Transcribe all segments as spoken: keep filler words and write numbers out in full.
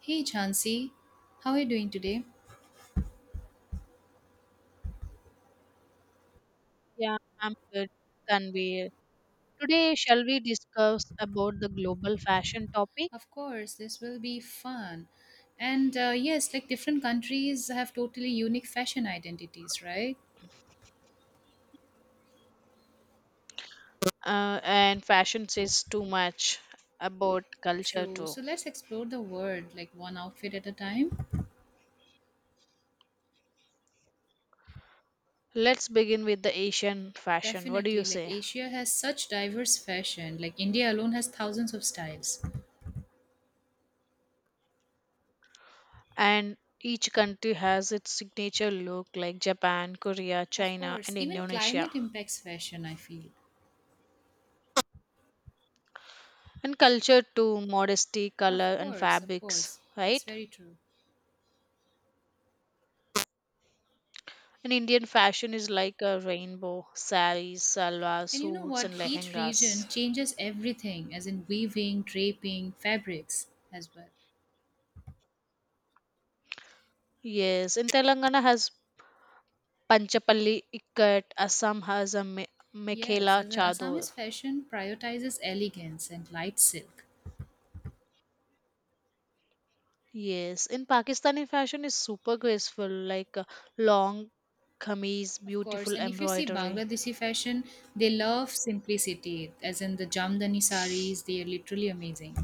Hey Chansey, how are you doing today? Yeah, I'm good. Tanvir. Today, shall we discuss about the global fashion topic? Of course, this will be fun. And uh, yes, like different countries have totally unique fashion identities, right? Uh, and fashion says too much about culture True. too. So let's explore the world like one outfit at a time. Let's begin with the Asian fashion. What do Definitely, you like say? Asia has such diverse fashion. Like India alone has thousands of styles. And each country has its signature look, like Japan, Korea, Of China, course, and even Indonesia. climate impacts fashion, I feel. And culture too, modesty, Of color, and course, of fabrics, course. It's right? very true. And Indian fashion is like a rainbow, saris, salwar, And you know suits, what? and Each lehengas. region changes everything, as in weaving, draping, fabrics as well. Yes, in Telangana has Panchapalli Ikat, Assam has a me- Yes, Mekhela as in Chador. Assamese fashion prioritizes elegance and light silk. Yes, in Pakistani fashion is super graceful, like uh, long kameez, Of course, beautiful and if you see embroidery. Bangladeshi fashion, they love simplicity, as in the Jamdani saris, they are literally amazing.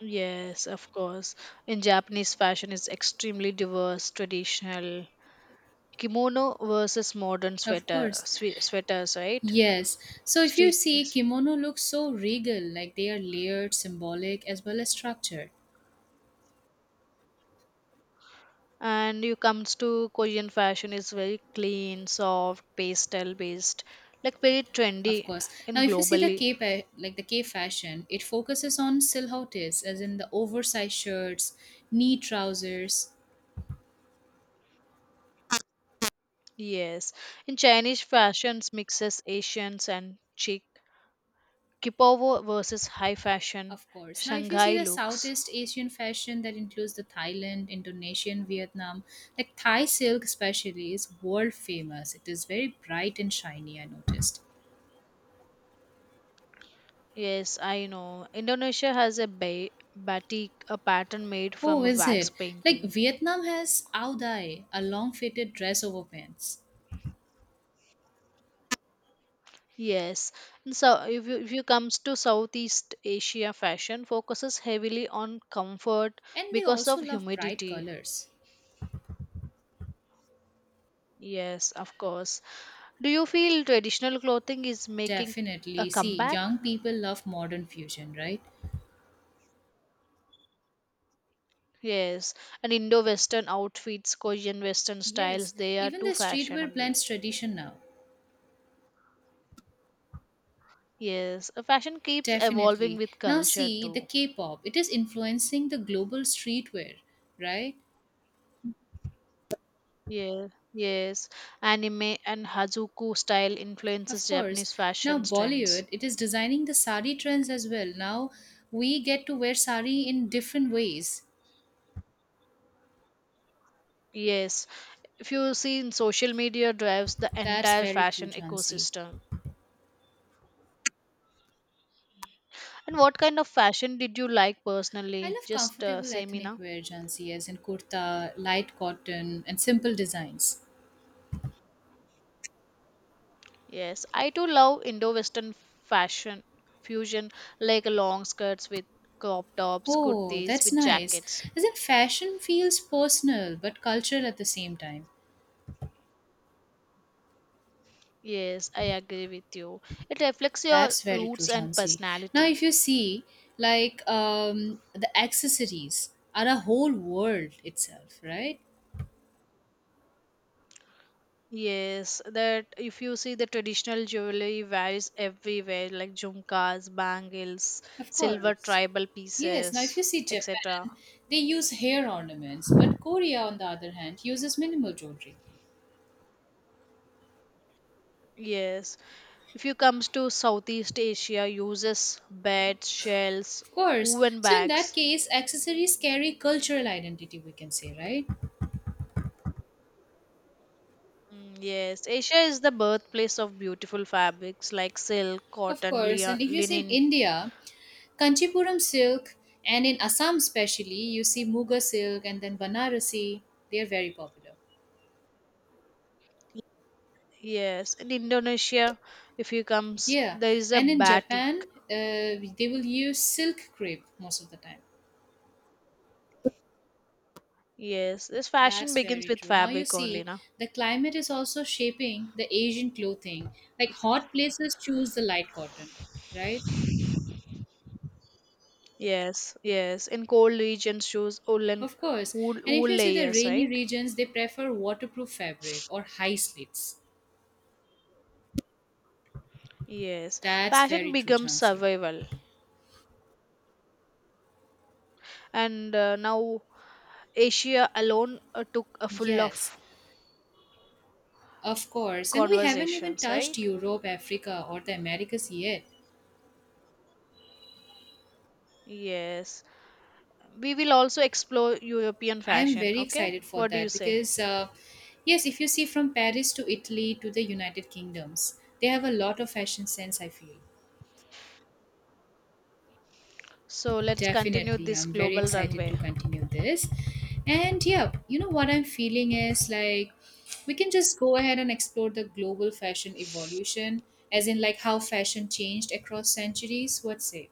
Yes, of course. In Japanese fashion is extremely diverse, traditional. Kimono versus modern Of sweater, course, swe- sweaters, right? yes. So if you Street see, kimono looks so regal, like they are layered, symbolic, as well as structured. and you comes to korean fashion is very clean soft pastel based like very Of trendy course. Now, and if you see the globally K pa- like the K fashion, it focuses on silhouettes, as in the oversized shirts, knee trousers. yes in chinese fashions mixes asians and chic kipovo versus high fashion Of course. Now, if you see shanghai the looks Southeast Asian fashion that includes the Thailand, Indonesian, Vietnam, like Thai silk especially is world famous. It is very bright and shiny. I noticed. yes I know indonesia has a ba- batik a pattern made Oh, from a is wax it? Like painting. Vietnam has ao dai, a long fitted dress over pants, Yes. And so if you, if you comes to Southeast Asia fashion focuses heavily on comfort and they because of also love bright humidity. colors. Yes, of course. Do you feel traditional clothing is making a Definitely. See, comeback? young people love modern fusion, right? Yes. And Indo-Western outfits, Korean Western Yes, styles, they are even the too streetwear fashionable. blends tradition now. Yes. Uh, Fashion keeps evolving Definitely. with Now, culture see, the too. K pop, it is influencing the global streetwear, right? Yeah, yes. Anime and Hazuku style Of influences course. Japanese Now, fashion trends. Bollywood, it is designing the sari trends as well. Now, we get to wear sari in different ways. Yes. If you see in social media drives the That's entire very true, fashion Jhansi. ecosystem and what kind of fashion did you like I personally? love Just uh, comfortable say ethnic mina. wear, Jhansi, as in kurta, light cotton, and simple designs. Yes, I too love indo-western fashion fusion, like long skirts with crop tops, Oh, kurtis that's with nice. jackets. Isn't fashion feels personal but cultural at the same time? Yes, I agree with you. It reflects your That's very true, roots and Jansi. Now, personality. if you see, like um, the accessories are a whole world itself, right? Yes, that if you see the traditional jewelry varies everywhere, like jhumkas, bangles, Of silver course. tribal Yes. Now, if pieces, you see et cetera. Japan, they use hair ornaments, but Korea, on the other hand, uses minimal jewelry. Yes, if you comes to Southeast Asia, uses beds, shells, Of course. woven So, in that bags. case, accessories carry cultural identity, we can say, right? Mm, yes, Asia is the birthplace of beautiful fabrics like silk, Of cotton, course. lia- And if you see in linen. India, Kanchipuram silk, and in Assam especially, you see Muga silk and then Banarasi. They are very popular. Yes, in Indonesia, if you comes, Yeah, there is a and in batik. Japan, uh, they will use silk crepe most of the time. Yes, this fashion That's begins very with true. Now you fabric only, see, na. the climate is also shaping the Asian clothing. Like hot places choose the light cotton, right? Yes, yes. In cold regions, choose woolen Of course. wool, And if wool you see the layers, rainy right? regions, they prefer waterproof fabric or high slits. Yes. That's Fashion very true, becomes Chansi. survival, and uh, now Asia alone uh, took a full Yes. of Of course, and we haven't even conversations, touched right? Europe, Africa, or the Americas yet. Yes. We will also explore European I am fashion. very Okay, excited for what do you that say? because, uh, yes, if you see from Paris to Italy to the United Kingdoms, they have a lot of fashion sense, I feel. So let's continue Definitely, this I'm very global excited runway. to continue this. And yeah, you know what I'm feeling is like we can just go ahead and explore the global fashion evolution, as in like how fashion changed across centuries. What say?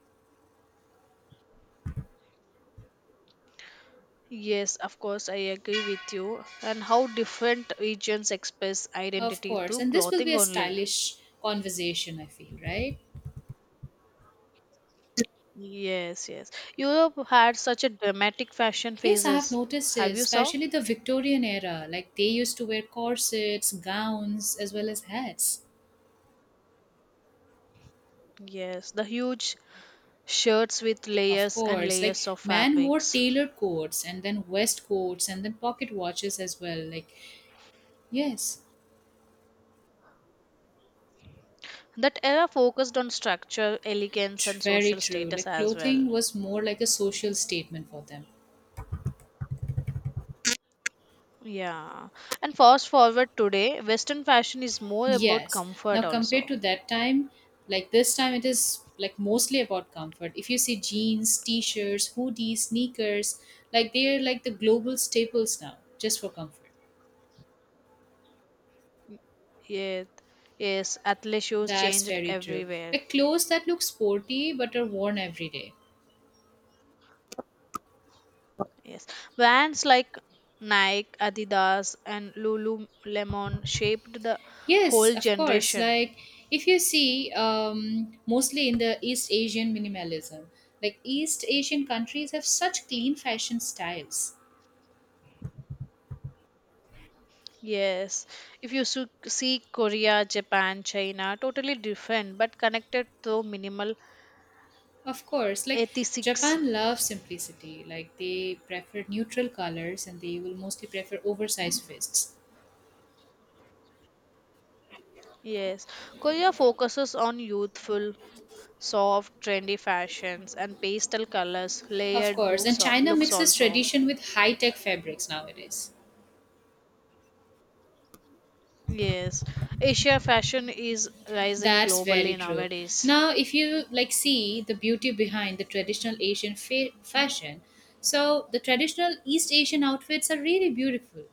Yes, of course, I agree with you. And how different regions express Of identity course. through And this will be clothing a only. stylish conversation, I feel, right? Yes, yes. Europe had such a dramatic fashion Yes, I have phases. noticed Have this, you saw? especially the Victorian era. Like they used to wear corsets, gowns, as well as hats. Yes, the huge shirts with Of layers and course. layers Like of men wore fabrics. tailored coats and then waistcoats and then pocket watches as well. Like, yes, That era focused on structure, elegance, tr- and very social true. status Like as clothing well. was more like a social statement for them. Yeah. And fast forward today, Western fashion is more about Yes. Now comfort compared also. to that time, like this time it is like mostly about comfort. If you see jeans, t-shirts, hoodies, sneakers, like they are like the global staples now, just for comfort. Yes, yes, athleisure shoes That's changed very true. everywhere. Like clothes that look sporty but are worn every day. Yes. Brands like Nike, Adidas, and Lululemon shaped the Yes, whole of course. generation. Like if you see, um, mostly in the East Asian minimalism, like East Asian countries have such clean fashion styles. Yes. If you su- see Korea, Japan, China, totally different but connected through minimal Of course, like ethics. Japan loves simplicity. Like they prefer neutral colors and they will mostly prefer oversized fists. Yes. Korea focuses on youthful, soft, trendy fashions and pastel colors, Of layered course, and books or China looks mixes also. tradition with high-tech fabrics nowadays. Yes. Asia fashion is rising That's very globally true. nowadays. Now, if you like see the beauty behind the traditional Asian fa- fashion, so the traditional East Asian outfits are really beautiful.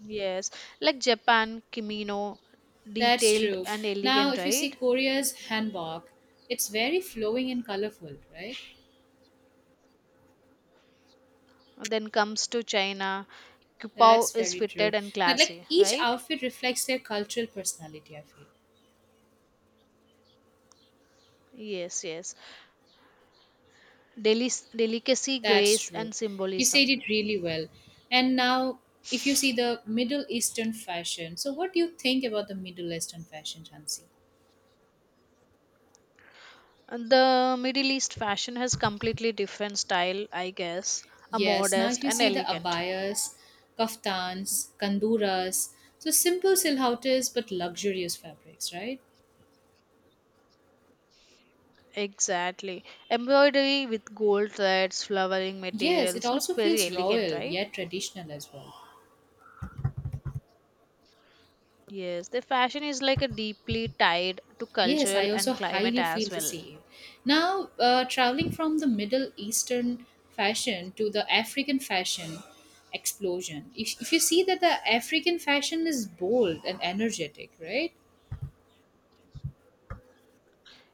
Yes, like Japan, kimono, That's detailed true. and Now, elegant, if you see right? Korea's hanbok, it's very flowing and colorful, right? Then comes to China, kupao That's is very true. fitted and Now, like classy, each right? outfit reflects their cultural personality, I feel. Yes, yes. Delic- delicacy, That's grace, true. and You said symbolism. it really well. And now, if you see the Middle Eastern fashion, so what do you think about the Middle Eastern fashion, Jansi? And the Middle East fashion has completely different style, I guess. A Yes, now if modest you and see the elegant. abayas, kaftans, kanduras, so simple silhouettes but luxurious fabrics, right? Exactly. Embroidery with gold threads, flowering Yes, it materials. Look also very feels elegant, royal right? yet traditional as well. Yes, the fashion is like a deeply tied to Yes, I cultural also and climate highly feel as the well. same. Now, uh, traveling from the Middle Eastern fashion to the African fashion explosion, if, if you see that the African fashion is bold and energetic, right?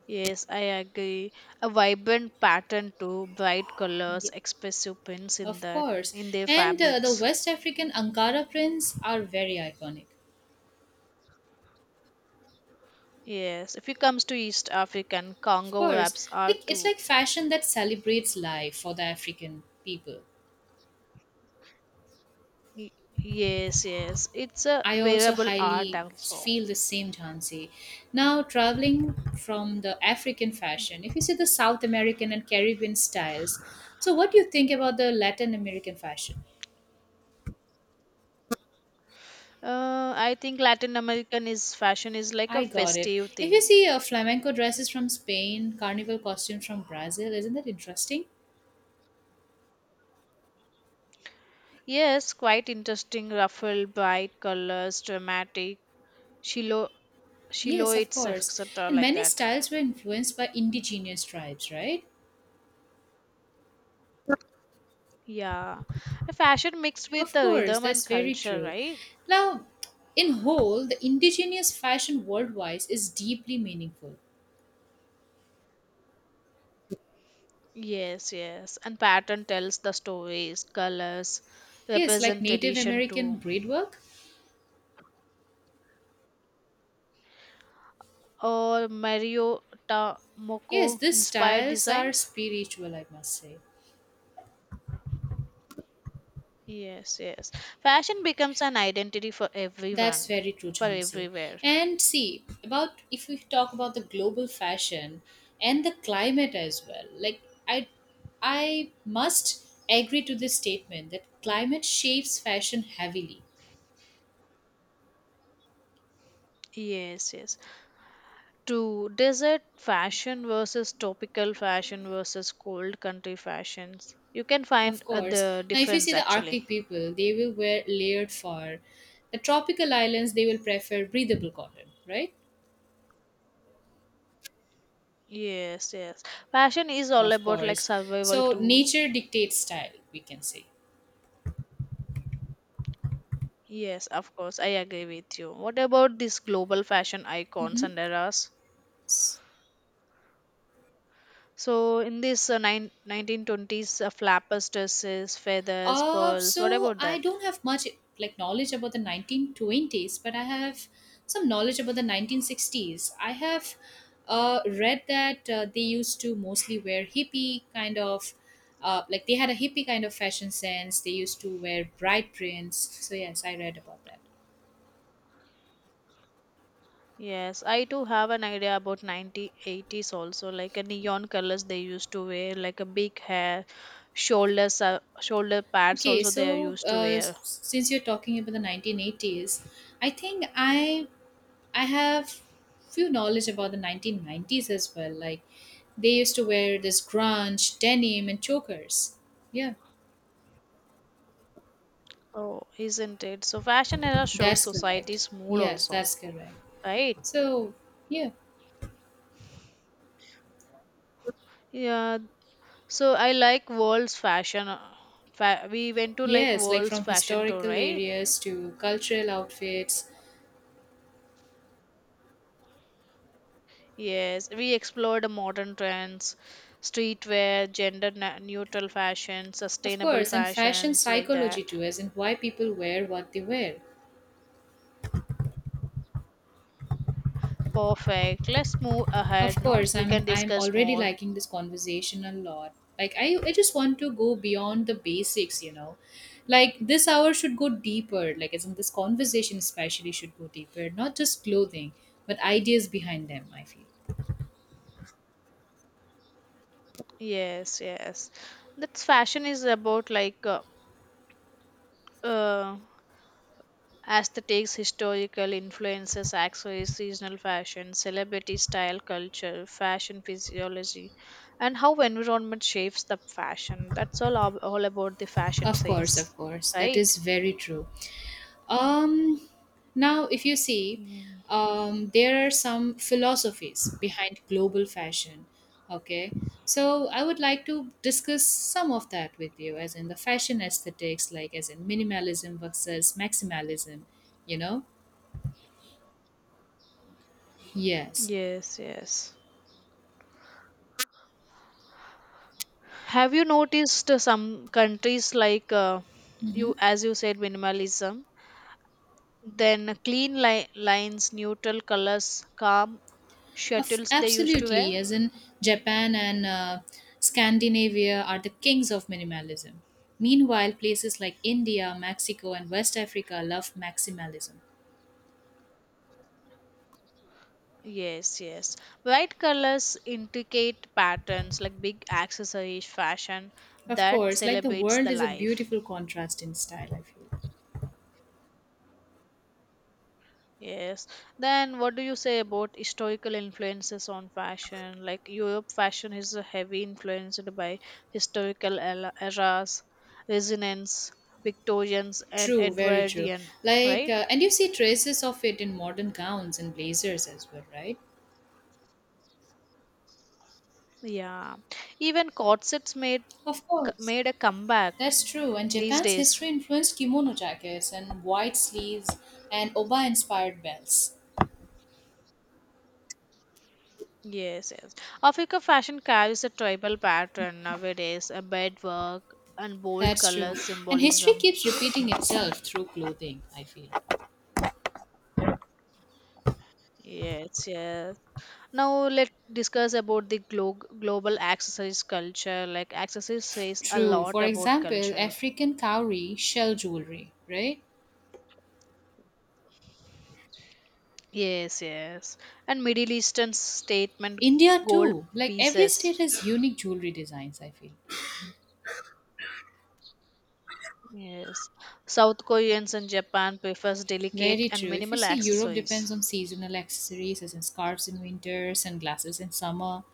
Yes, I agree. A vibrant pattern too, bright colors, Ye- expressive prints in of that course. in their And uh, the fabrics. West African Ankara prints are very iconic. Yes, if it comes to East African, Of Congo course. wraps are Like it's too. like fashion that celebrates life for the African people. Y- Yes, yes, it's a I also wearable art highly also. feel the same, Jhansi. Now, traveling from the African fashion, if you see the South American and Caribbean styles, so what do you think about the Latin American fashion? Uh, I think Latin American is fashion is like a I got it. festive If you thing. see uh, flamenco dresses from Spain, carnival costumes from Brazil, isn't that interesting? Yes, quite interesting, ruffled, bright colors, dramatic. She Yes, of Shiloids, course. et cetera, And like many that. styles were influenced by indigenous tribes, right? Yeah. A fashion mixed with Of the course, rhythm and that's very culture, true. right? Now, in whole, the indigenous fashion worldwide is deeply meaningful. Yes, yes. And pattern tells the stories, colors Yes, like represent Native tradition American too. braid work. Or Mario Yes, Tamoko these inspired styles are designs? spiritual, I must say. Yes, yes. Fashion becomes an identity for That's everyone, very true, for Jhansi. everywhere. And see, about if we talk about the global fashion and the climate as well, like I I must agree to this statement that climate shapes fashion heavily. Yes, yes. To desert fashion versus tropical fashion versus cold country fashions. You can find Of uh, course. the Now if you see difference the actually. Arctic people, they will wear layered fur. The tropical islands they will prefer breathable cotton, right? Yes, yes. Fashion is all Of about like course. survival So too. nature dictates style, we can say. Yes, of course, I agree with you. What about these global fashion icons and eras? S- So in this uh, nine, nineteen twenties, uh, flappers dresses, feathers, Uh, pearls. What so about I that? don't have much like knowledge about the nineteen twenties, but I have some knowledge about the nineteen sixties. I have uh, read that uh, they used to mostly wear hippie kind of, uh, like they had a hippie kind of fashion sense. They used to wear bright prints. So yes, I read about that. Yes, I too have an idea about nineteen eighties. Also like a neon colors they used to wear like a big hair shoulders uh, shoulder pads Okay, also they are so used to uh, wear. s- since you're talking about the nineteen eighties, I think I I have few knowledge about the nineteen nineties as well. Like they used to wear this grunge, denim, and chokers. Yeah, Oh, isn't it? So fashion era shows that's correct. society's mood Yes, also, that's correct. right? So, yeah, Yeah. So I like world's fashion. uh, Fa- we went to like yes, like world's from fashion tour, historical right? areas to cultural outfits, Yes, we explored modern trends, streetwear, gender na- neutral fashion, of sustainable course, and fashion fashions like psychology that. too, as in why people wear what they wear. Perfect. Let's move Of ahead, no? course, We I'm can I'm discuss already more. liking this conversation a lot. Like I I just want to go beyond the basics, you know. Like this hour should go deeper, like as in this conversation especially should go deeper, not just clothing, but ideas behind them, I feel. Yes, yes. That's fashion is about like uh, uh, aesthetics, historical influences, accessories, seasonal fashion, celebrity style, culture, fashion physiology, and how environment shapes the fashion. That's all ab- all about the fashion Of course, of says, course. That right? is very true. Um, Now, if you see, Mm. um, there are some philosophies behind global fashion. Okay, so I would like to discuss some of that with you, as in the fashion aesthetics, like as in minimalism versus maximalism, you know. Yes, Yes, yes. Have you noticed uh, some countries like uh, you, as you said, minimalism? Then clean li- lines, neutral colors, calm of, shuttles they used to wear. absolutely. As in Japan and uh, Scandinavia are the kings of minimalism. Meanwhile, places like India, Mexico, and West Africa love maximalism. Yes, yes. White colors, intricate patterns like big accessories, fashion Of that course, like the celebrates world the is a life. beautiful contrast in style, I feel. Yes. Then what do you say about historical influences on fashion? Like Europe fashion is uh, heavy influenced by historical era- eras, resonance, Victorians and True, very true. Edwardian, Like, right? uh, and you see traces of it in modern gowns and blazers as well, right? Yeah. Even corsets made Of c- course, made a comeback that's true. And these Japan's days. history influenced kimono jackets and wide sleeves and oba inspired belts. Yes, yes. Africa fashion carries a tribal pattern nowadays, a bedwork and bold That's true. color And history symbolism. keeps repeating itself through clothing, I feel. Yes, yes. Now let's discuss about the glo- global accessories culture. Like accessories says a True. lot For about example, culture. African cowrie shell jewelry, right? Yes, yes. And Middle Eastern statement India gold too. Like every state pieces. has unique jewelry designs, I feel. Yes. South Koreans and Japan prefers delicate Very and true. If you minimal see, Europe depends accessories. on seasonal accessories, as in scarves in winter, sunglasses in summer.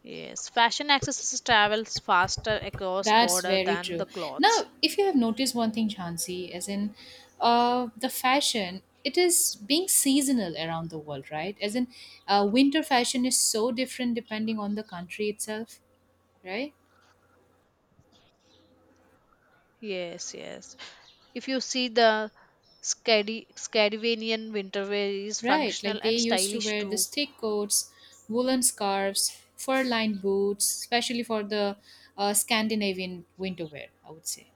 Yes, fashion accesses travels faster across That's border very than true. the clothes. Now, if you have noticed one thing, Jhansi, as in uh, the fashion, it is being seasonal around the world, right? As in, uh, winter fashion is so different depending on the country itself, right? Yes, yes. If you see the Scandi- Scandinavian winter wear is Right. functional Like they and used to stylish wear this too. thick coats, woolen scarves, fur lined boots, especially for the uh, Scandinavian winter wear, I would say.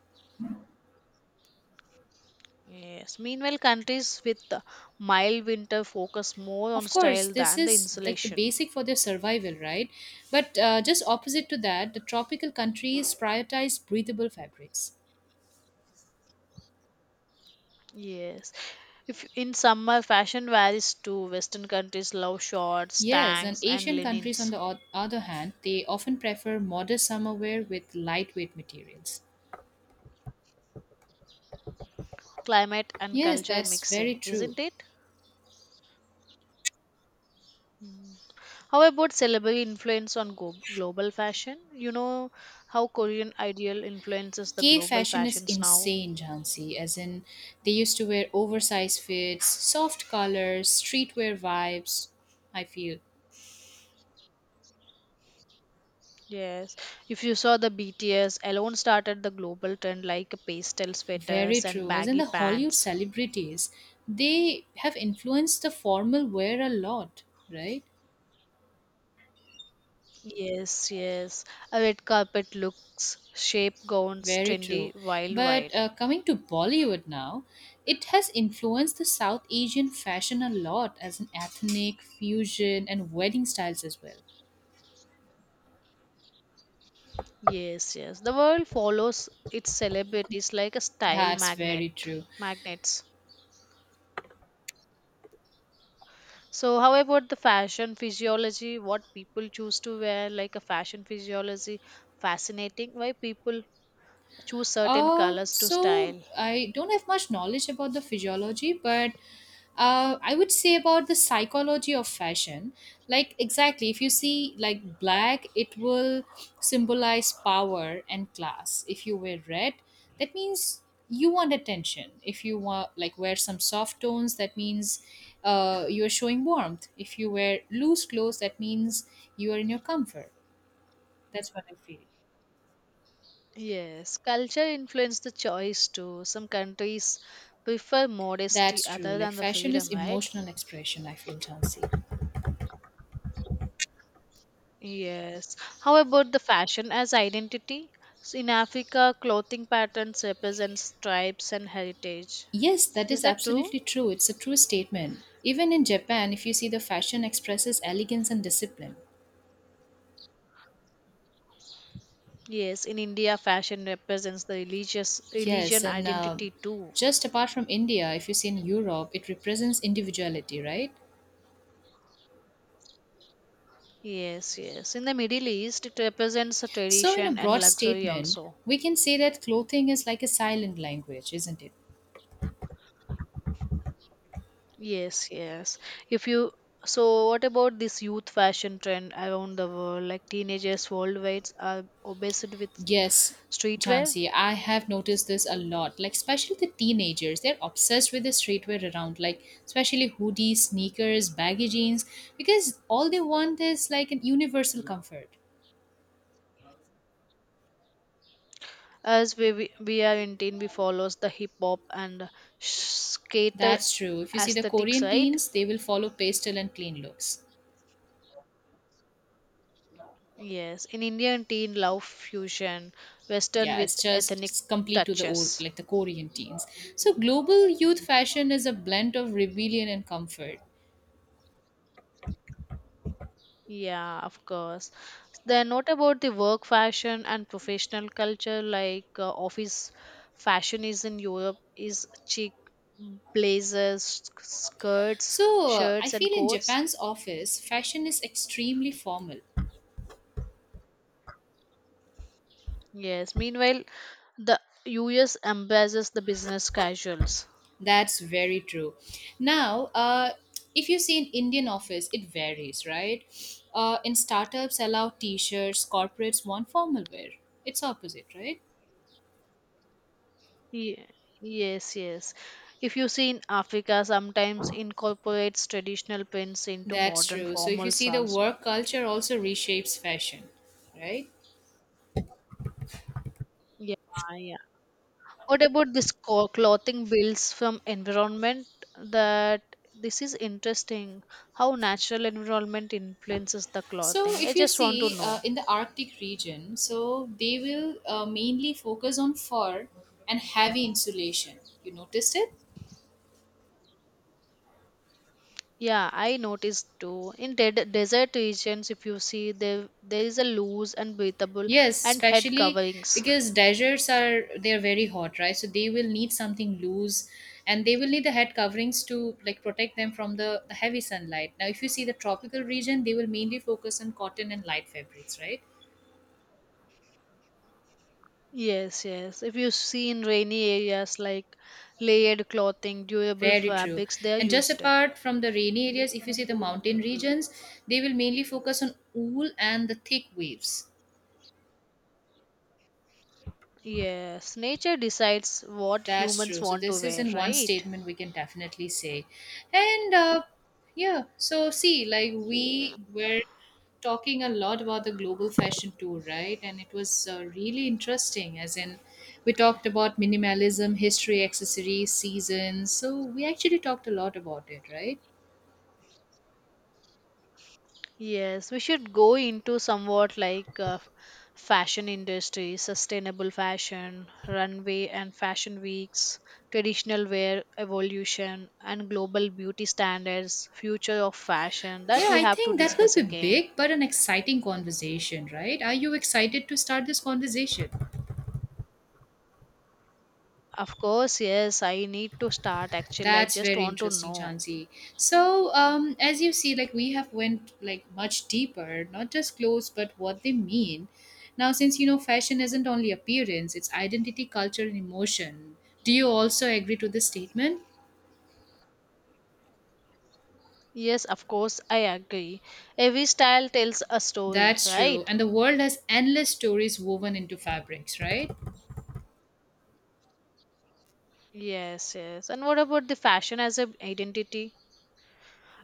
Yes. Meanwhile, countries with the mild winter focus more on Of course, style this than the is like the insulation. basic for their survival, right? But uh, just opposite to that, the tropical countries prioritize breathable fabrics. Yes. If in summer, fashion varies too. Western countries love shorts, Yes, and tanks, and Asian countries, on linens. the oth- other hand, they often prefer modest summer wear with lightweight materials. Climate and Yes, culture that's very mixing, true. isn't it? How about celebrity influence on go- global fashion? You know how Korean ideal influences the K global fashion is fashions now. insane, Jhansi, as in they used to wear oversized fits, soft colors, streetwear vibes, I feel. Yes, if you saw the B T S alone started the global trend like pastel Very sweaters and true. As in baggy the Hollywood pants. celebrities, they have influenced the formal wear a lot, right? Yes, yes, a red carpet looks, shape gowns Very true. trendy But worldwide. uh, coming to Bollywood now, it has influenced the South Asian fashion a lot as an ethnic, fusion, and wedding styles as well. Yes, yes, the world follows its celebrities like a style That's magnet, very true. magnets. So, how about the fashion physiology? What people choose to wear, like a fashion physiology, fascinating. Why people choose certain Uh, colors to so style? I don't have much knowledge about the physiology, but uh, I would say about the psychology of fashion. Like exactly, if you see like black, it will symbolize power and class. If you wear red, that means you want attention. If you want like wear some soft tones, that means uh, you are showing warmth. If you wear loose clothes, that means you are in your comfort. That's what I feel. Yes, culture influence the choice too. Some countries prefer modesty That's true. other Like than the fashion is freedom, right? emotional expression, I feel, Jansi. Yes. How about the fashion as identity? So in Africa, clothing patterns represents tribes and heritage. Yes, that Is is that true? absolutely true. It's a true statement. Even in Japan, if you see the fashion expresses elegance and discipline. Yes, in India, fashion represents the religious Yes, religion and uh, identity too. just apart from India, if you see in Europe, it represents individuality, right? Yes, yes. In the Middle East, it represents a So, in a tradition and broad luxury statement, also. we can say that clothing is like a silent language, isn't it? Yes, yes. If you so, what about this youth fashion trend around the world? Like teenagers worldwide are obsessed with Yes, streetwear. Jansi, I have noticed this a lot. Like, especially the teenagers, they're obsessed with the streetwear around, like, especially hoodies, sneakers, baggy jeans, because all they want is like an universal comfort. As we we we are in teen, we follows the hip hop and skater That's true. If you see the aesthetics, Korean right? teens, they will follow pastel and clean looks. Yes. In Indian teen, love fusion, Western Yeah, with it's just ethnic it's complete to the old touches. like the Korean teens. So global youth fashion is a blend of rebellion and comfort. Yeah, of course. Then what about the work fashion and professional culture like uh, office fashion is in Europe is chic blazers, sk- skirts, So uh, I shirts and feel in coats. Japan's office, fashion is extremely formal. Yes. Meanwhile, the U S embraces the business casuals. That's very true. Now, uh, if you see an Indian office, it varies, right? Uh, in startups, allow t-shirts. Corporates want formal wear. It's opposite, right? Ye- Yes, yes. If you see in Africa, sometimes incorporates traditional prints into That's modern true. So if you formals see the also. work culture also reshapes fashion, right? Yeah, yeah. What about this co- clothing builds from environment? That this is interesting. How natural environment influences the So clothing. if I you just want to see uh, know. in the Arctic region, so they will uh, mainly focus on fur and heavy insulation. You noticed it? Yeah, I noticed too. In de- desert regions, if you see, there there is a loose and breathable Yes, and head especially coverings. because deserts are they're very hot, right? So they will need something loose and they will need the head coverings to like protect them from the, the heavy sunlight. Now if you see the tropical region, they will mainly focus on cotton and light fabrics, right? Yes, yes. If you see in rainy areas like layered clothing, durable Very true. fabrics, they are And just used. apart from the rainy areas, if you see the mountain regions, they will mainly focus on wool and the thick waves. Yes, nature decides what That's true. humans So want to this is wear, in one right? statement we can definitely say. And uh, yeah, so see, like we were talking a lot about the global fashion tour, right? And it was uh, really interesting, as in we talked about minimalism, history, accessories, seasons. So we actually talked a lot about it, right? Yes, we should go into somewhat like uh, fashion industry, sustainable fashion, runway and fashion weeks, traditional wear evolution, and global beauty standards, future of fashion that Yeah, we I have to think that will discuss be again. big but an exciting conversation, right? Are you excited to start this conversation? Of course, yes, I need to start actually. I That's just very want to interesting, know. Chansey. So, um, as you see, like we have went like much deeper, not just clothes, but what they mean. Now, since you know, fashion isn't only appearance; it's identity, culture, and emotion. Do you also agree to this statement? Yes, of course, I agree. Every style tells a story, That's true. right? And the world has endless stories woven into fabrics, right? Yes, yes. And what about the fashion as an identity?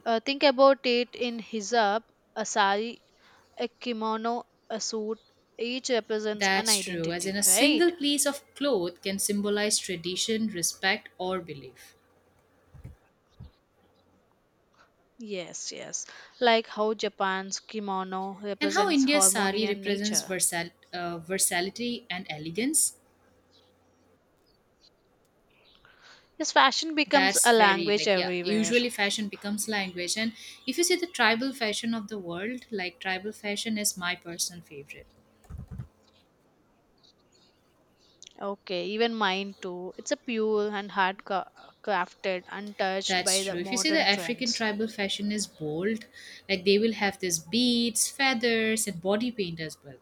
Uh, think about it in hijab, a sari, a kimono, a suit. Each represents an That's true. As in, identity, a single right? piece of cloth can symbolize tradition, respect, or belief. Yes, yes. Like how Japan's kimono And how represents India's harmony sari and represents nature. versal- uh, versatility and elegance? Yes, fashion becomes a That's very language like yeah. everywhere. Usually fashion becomes language, and if you see the tribal fashion of the world, like tribal fashion is my personal favorite. Okay, even mine too. It's a pure and hard ca- crafted, untouched That's by true. the If you see the modern African trends. tribal fashion is bold, like they will have these beads, feathers and body paint as well.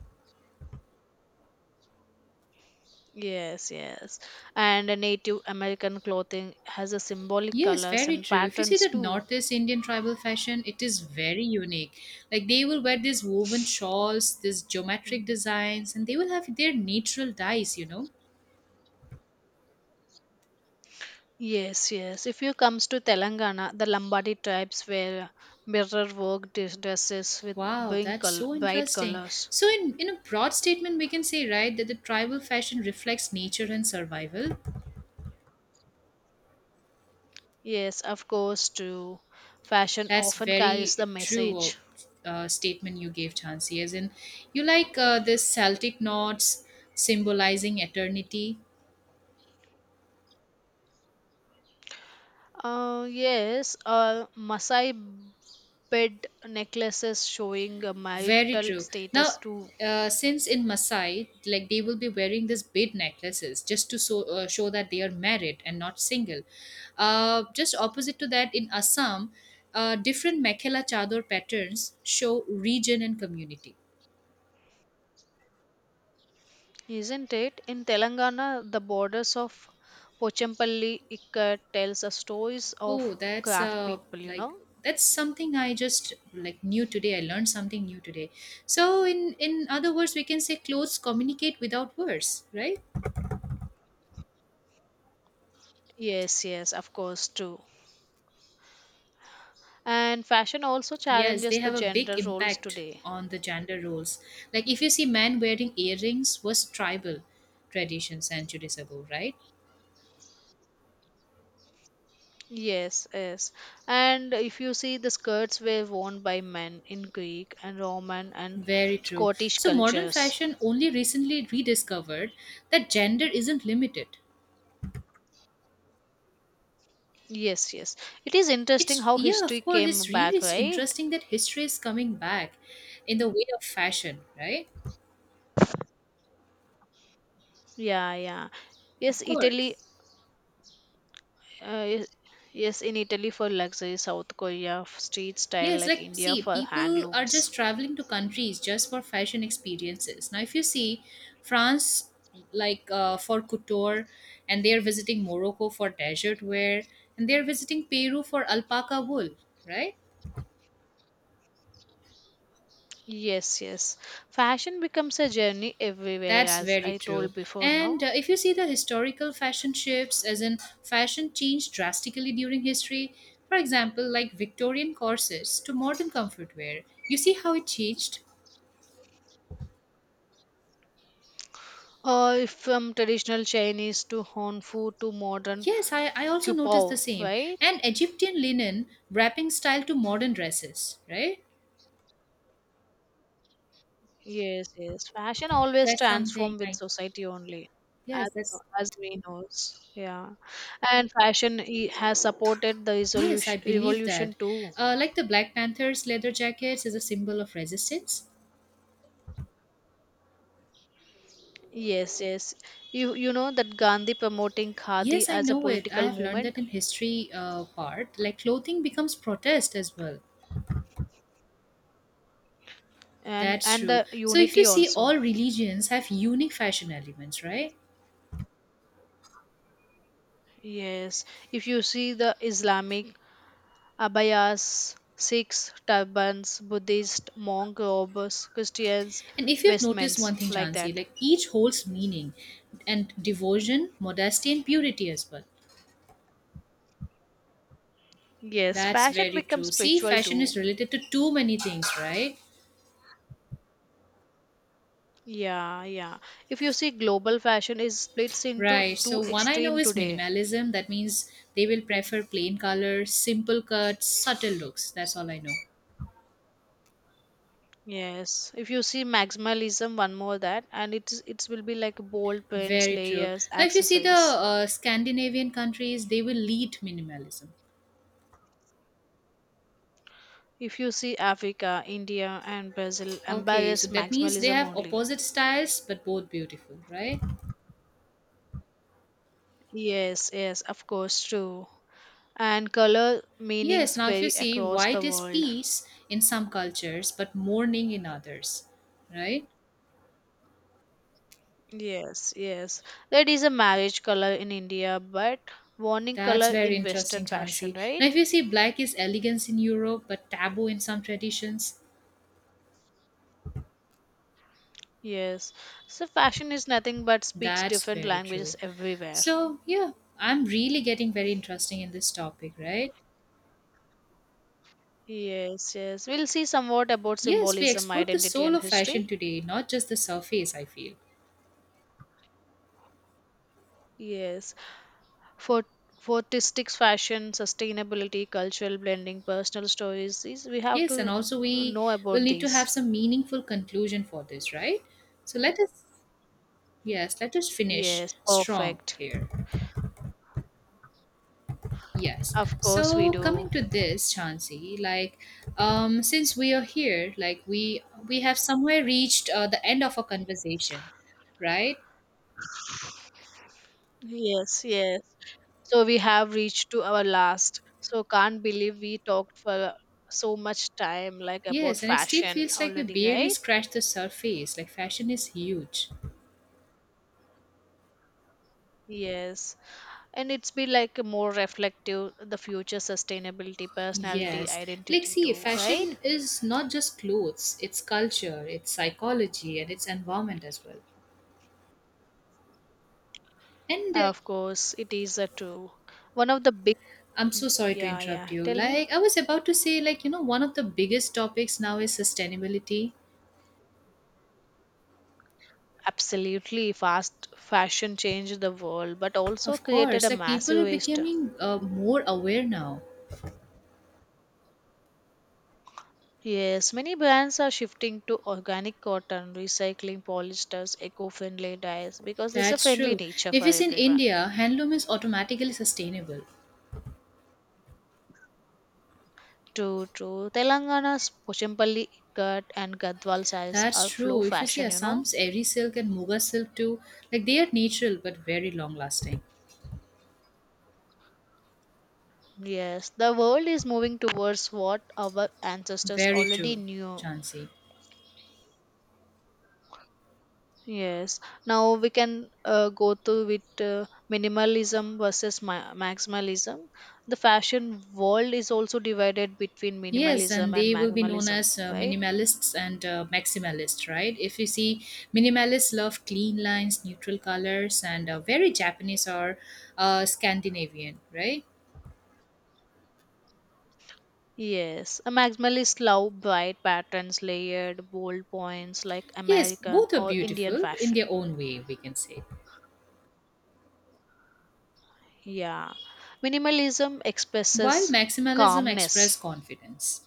Yes, yes. And a Native American clothing has a symbolic Yes, colors very and true. If you see patterns the too. Northeast Indian tribal fashion, it is very unique. Like they will wear these woven shawls, these geometric designs, and they will have their natural dyes, you know. Yes, yes. If you comes to Telangana, the Lambadi tribes wear mirror work dis- dresses with Wow, bring that's col- so bright interesting. colors. So, in, in a broad statement, we can say, right, that the tribal fashion reflects nature and survival. Yes, of course. Too, fashion That's often carries the very true uh, message. uh, statement you gave, Chansi. As in, you like uh, this Celtic knots symbolizing eternity. Uh, yes, uh, Masai bed necklaces showing a Very marital true. status Now, too, uh, since in Maasai, like they will be wearing these bead necklaces just to so, uh, show that they are married and not single. Uh, just opposite to that, in Assam, uh, different Mekhela Chador patterns show region and community. isn't it? In Telangana, the borders of Pochampalli Ikka tells the stories Oh, of that's craft uh, people. You like know. that's something I just like knew today. I learned something new today. So, in in other words, we can say clothes communicate without words, right? Yes, yes, of course too. And fashion also Yes, challenges they the have a big gender roles impact today. on the gender roles. Like if you see men wearing earrings was tribal tradition centuries ago, right? Yes, yes. And if you see, the skirts were worn by men in Greek and Roman and Very true. Scottish So modern cultures. fashion only recently rediscovered that gender isn't limited. Yes, yes. It is interesting It's how yeah, history of course, it's came really back, s- right? interesting that history is coming back in the way of fashion, right? Yeah, yeah. Yes, Of Italy. course. Uh, yes, yes, in Italy for luxury, South Korea f- street style, Yes, like like India see, for people are handlooms. just traveling to countries just for fashion experiences. Now, if you see France, like uh, for couture, and they are visiting Morocco for desert wear, and they are visiting Peru for alpaca wool, right? Yes, yes. Fashion becomes a journey everywhere, That's as very I true. told before, And no? uh, if you see the historical fashion shifts, as in fashion changed drastically during history, for example, like Victorian corsets to modern comfort wear, you see how it changed? Uh, from traditional Chinese to Honfu to modern Yes, I, I also noticed the Kupao, same. right? And Egyptian linen wrapping style to modern dresses, right? Yes, yes. Fashion always That's something transform with I society only, as yes, that's as we knows. Yeah, and fashion i- has supported the Yes, I evolution believe evolution that. too. Uh, like the Black Panthers leather jackets is a symbol of resistance. Yes, yes. You you know that Gandhi promoting khadi Yes, I as a know it. I political have learned movement, that in history uh, part, like clothing becomes protest as well. and That's and true. the So if you unity see all also. religions have unique fashion elements, right? Yes, if you see the Islamic abayas, Sikhs, turbans, Buddhist, monk robes, Christians, And if you've noticed one vestments, thing, like Jansi, that. like each holds meaning and devotion, modesty, and purity as well. Yes, That's fashion very becomes true. See, spiritual fashion is too. related to too many things, right? Yeah, yeah. If you see, global fashion is splits into Right. So, two one I know extreme is today. minimalism. That means they will prefer plain colors, simple cuts, subtle looks. That's all I know. Yes. If you see maximalism, one more that, and it is it will be like bold prints, Very true. layers, Now, if you see the accessories. uh, Scandinavian countries, they will lead minimalism. If you see Africa, India, and Brazil, Okay, so embrace that means they maximalism have only. opposite styles but both beautiful, right? Yes, yes, of course, true. And color Yes, meanings now if vary you see, across white the is world. peace in some cultures, but mourning in others, right? Yes, yes. That is a marriage color in India, but warning That's color very in interesting, Western fashion, Chansi. Now, right? if you see, black is elegance in Europe, but taboo in some traditions. Yes. So fashion is nothing but speaks That's different very true. languages everywhere. So, yeah, I'm really getting very interesting in this topic, right? Yes, yes. We'll see somewhat about Yes, we symbolism, explored the identity, soul and of history. fashion today, not just the surface, I feel. Yes. For for statistics, fashion, sustainability, cultural blending, personal stories, these we have Yes, and to also we know will about need to have these. some meaningful conclusion for this, right? So let us. Yes, let us finish Yes, strong perfect. here. Yes. Of course we So coming do. to this, Chansey, like, um, since we are here, like we we have somewhere reached uh, the end of our conversation, right? Yes, yes. So we have reached to our last. So can't believe we talked for so much time like about Yes, and it still fashion feels like we already, barely right? scratched the surface. Like fashion is huge. Yes. And it's been like a more reflective the future sustainability, personality, Yes. Like, identity see, too, right? fashion is not just clothes, it's culture, it's psychology, and it's environment as well. And uh, Of course, it is a true. One of the big, I'm so sorry to yeah, interrupt yeah. you. Tell me. Like I was about to say like you know one of the biggest topics now is sustainability. Absolutely, fast fashion changed the world, but also Of created course, a like people massive are waste. becoming uh, more aware now. Yes, many brands are shifting to organic cotton, recycling polyesters, eco-friendly dyes because there's a That's friendly true. nature If for you see in everyone. India, handloom is automatically sustainable. True, true. Telangana's Pochampalli cut and Gadwal sarees That's are flow true. If you see fashion, you know. Assam's Eri silk and Muga silk too, like they are natural but very long lasting. Yes, the world is moving towards what our ancestors Very already true, knew. Chansi. Yes. Now we can uh, go to with uh, minimalism versus ma- maximalism. The fashion world is also divided between Yes, minimalism and and they will be known maximalism, as uh, right? minimalists and uh, maximalists, right? If you see, minimalists love clean lines, neutral colors, and uh, very Japanese or uh, Scandinavian, right? Yes. A maximalist love bright patterns, layered, bold points like Yes, American both are or Indian beautiful in fashion. their own way, we can say. Yeah. Minimalism While expresses maximalism express calmness. confidence.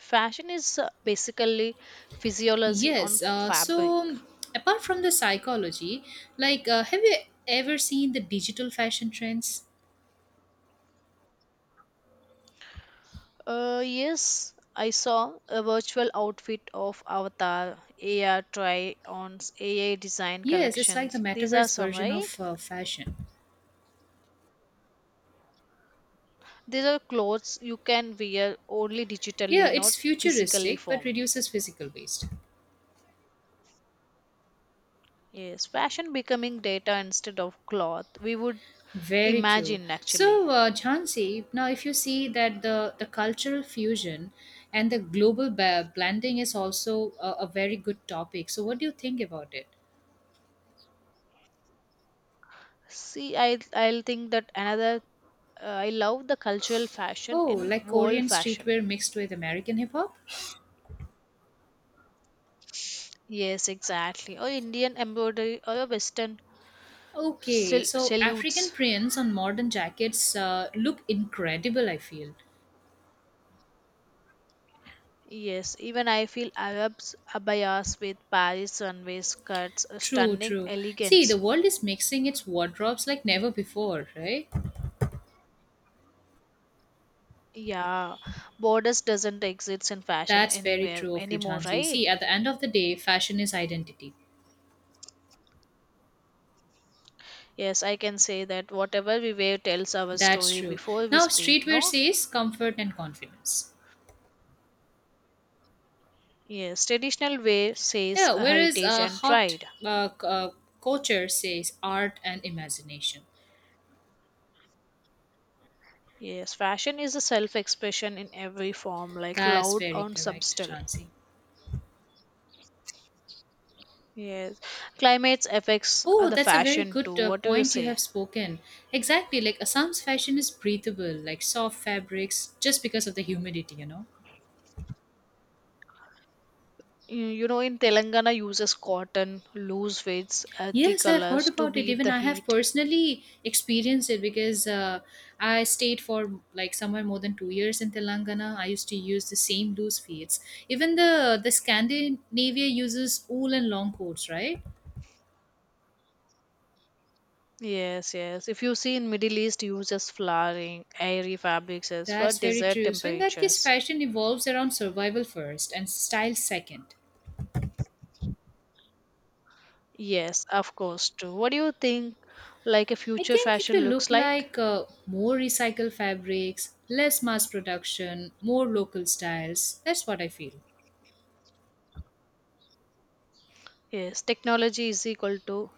Fashion is uh, basically physiology on Yes, uh, fabric. so apart from the psychology, like, uh, have you ever seen the digital fashion trends? Uh, yes, I saw a virtual outfit of Avatar, A I try-ons, A I design Yes, it's like the collections. These are metaverse some, version right? of uh, fashion. These are clothes you can wear only Yeah, digitally, not it's physically futuristic but form. reduces physical waste. Yes, fashion becoming data instead of cloth. We would Very true. imagine actually. So, uh, Jhansi, now if you see that the, the cultural fusion and the global ba- blending is also a, a very good topic. So, what do you think about it? See, I I'll think that another. Uh, I love the cultural fashion Oh, in like world Korean fashion. streetwear mixed with American hip hop? Yes, exactly. Or Indian embroidery or a Western Okay, sil- so African salutes. prints on modern jackets uh, look incredible, I feel. Yes, even I feel Arabs abayas with Paris runway skirts, a True, stunning true. See, the elegance. world is mixing its wardrobes like never before, right? Yeah, borders doesn't exist in fashion That's very anywhere true of you, anymore, Jhansi. right? See, at the end of the day, fashion is identity. Yes, I can say that whatever we wear tells our That's story true. before we Now, speak, streetwear no? says comfort and confidence. Yes, traditional wear says Yeah, a whereas heritage uh, and hot pride. uh, c- uh, culture says art and imagination. Yes, fashion is a self expression in every form, like That's loud very or correct, subtle. Jhansi. Yes, climates affects uh, Oh, the that's a very fashion too. good uh, What do you point you say? have spoken. Exactly, like Assam's fashion is breathable, like soft fabrics, just because of the humidity, you know. Y- You know, in Telangana, uses cotton, loose weights, earthy Yes, I've heard colors to about it. beat Even the I have heat. personally experienced it because uh, I stayed for like somewhere more than two years in Telangana. I used to use the same loose fades. Even the the Scandinavia uses wool and long coats, right? Yes, yes. If you see in Middle East, uses flowering, airy fabrics as for That's very desired true. So in that case, temperatures. fashion evolves around survival first and style second. Yes, of course too. What do you think like a I future think it will fashion look looks like? like uh, more recycled fabrics, less mass production, more local styles. That's what I feel. Yes, technology is equal to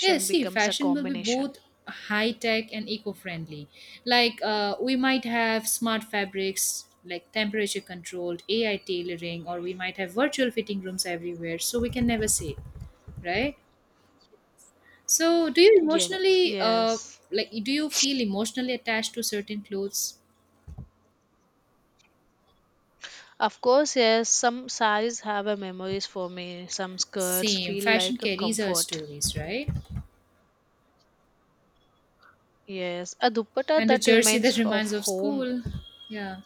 Yes, see, becomes a fashion will be combination. both high tech and eco friendly. Like, uh, we might have smart fabrics, like temperature controlled, A I tailoring, or we might have virtual fitting rooms everywhere. So we can never say, right? So, do you Yes, emotionally, uh, yes. like, do you feel emotionally attached to certain clothes? Of course, yes, some saris have a memories for me. Some skirts Same. feel Fashion like a carries our comfort. stories, right? Yes, a dupatta And a that jersey that reminds of reminds of home, school. Yeah.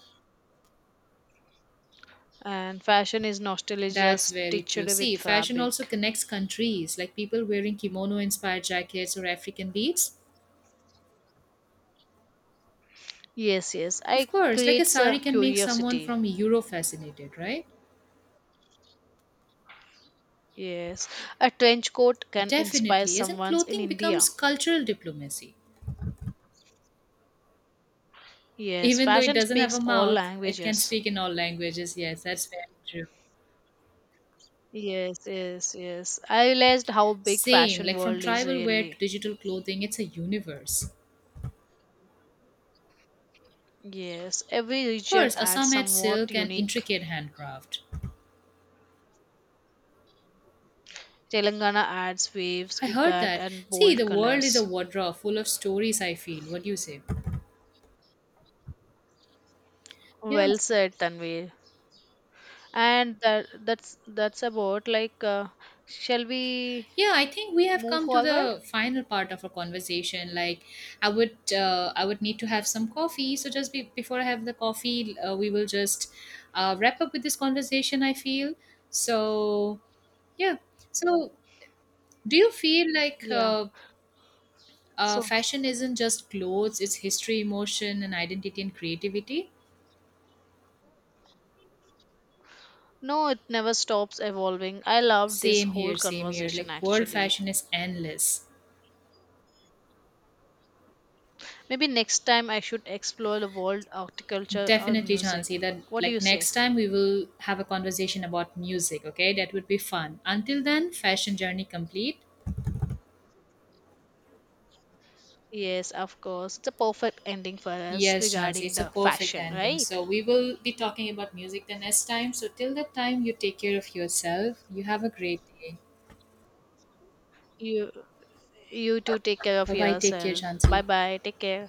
and fashion is nostalgia That's very stitched true. with See, fashion fabric. also connects countries, like people wearing kimono inspired jackets or African beads. Yes, yes, Of I course, like a creates sari a can make someone curiosity. from Europe fascinated, right? Yes, a trench coat can inspire Definitely, as in someone in clothing becomes India. cultural diplomacy. Yes, Even though it fashion doesn't have speaks a all mouth, it can languages. speak in all languages. Yes, that's very true. Yes, yes, yes. I realized how big Same, fashion like from world is tribal wear to really. digital clothing, it's a universe. Yes, every Of course, region adds Assam had somewhat silk and unique. intricate handcraft. Telangana adds waves, I heard ikat, that. and See, bold the world is a colors. wardrobe full of stories, I feel. What do you say? Yeah. Well said, Tanvir. And that that's that's about like uh, shall we Yeah, I think we have move come to forward? the final part of our conversation. Like, I would, uh, I would need to have some coffee. So just be, before I have the coffee, uh, we will just uh, wrap up with this conversation. I feel so. Yeah. So, do you feel like Yeah, uh, uh, so fashion isn't just clothes? It's history, emotion, and identity and creativity. no, it never stops evolving. I loved this Same whole here. Same here. conversation Like, world actually. fashion is endless. Maybe next time I should explore the world of culture or Definitely, music. Chansey, that What do like you say? next time we will have a conversation about music, okay? That would be fun. Until then, fashion journey complete. Yes, of course, it's a perfect ending for us Yes, Chansey, regarding it's a the perfect fashion, ending. right? So we will be talking about music the next time. So till that time, you take care of yourself. You have a great day. You you too, take care Bye of bye. Take care, yourself. Chansey. Bye bye, take care.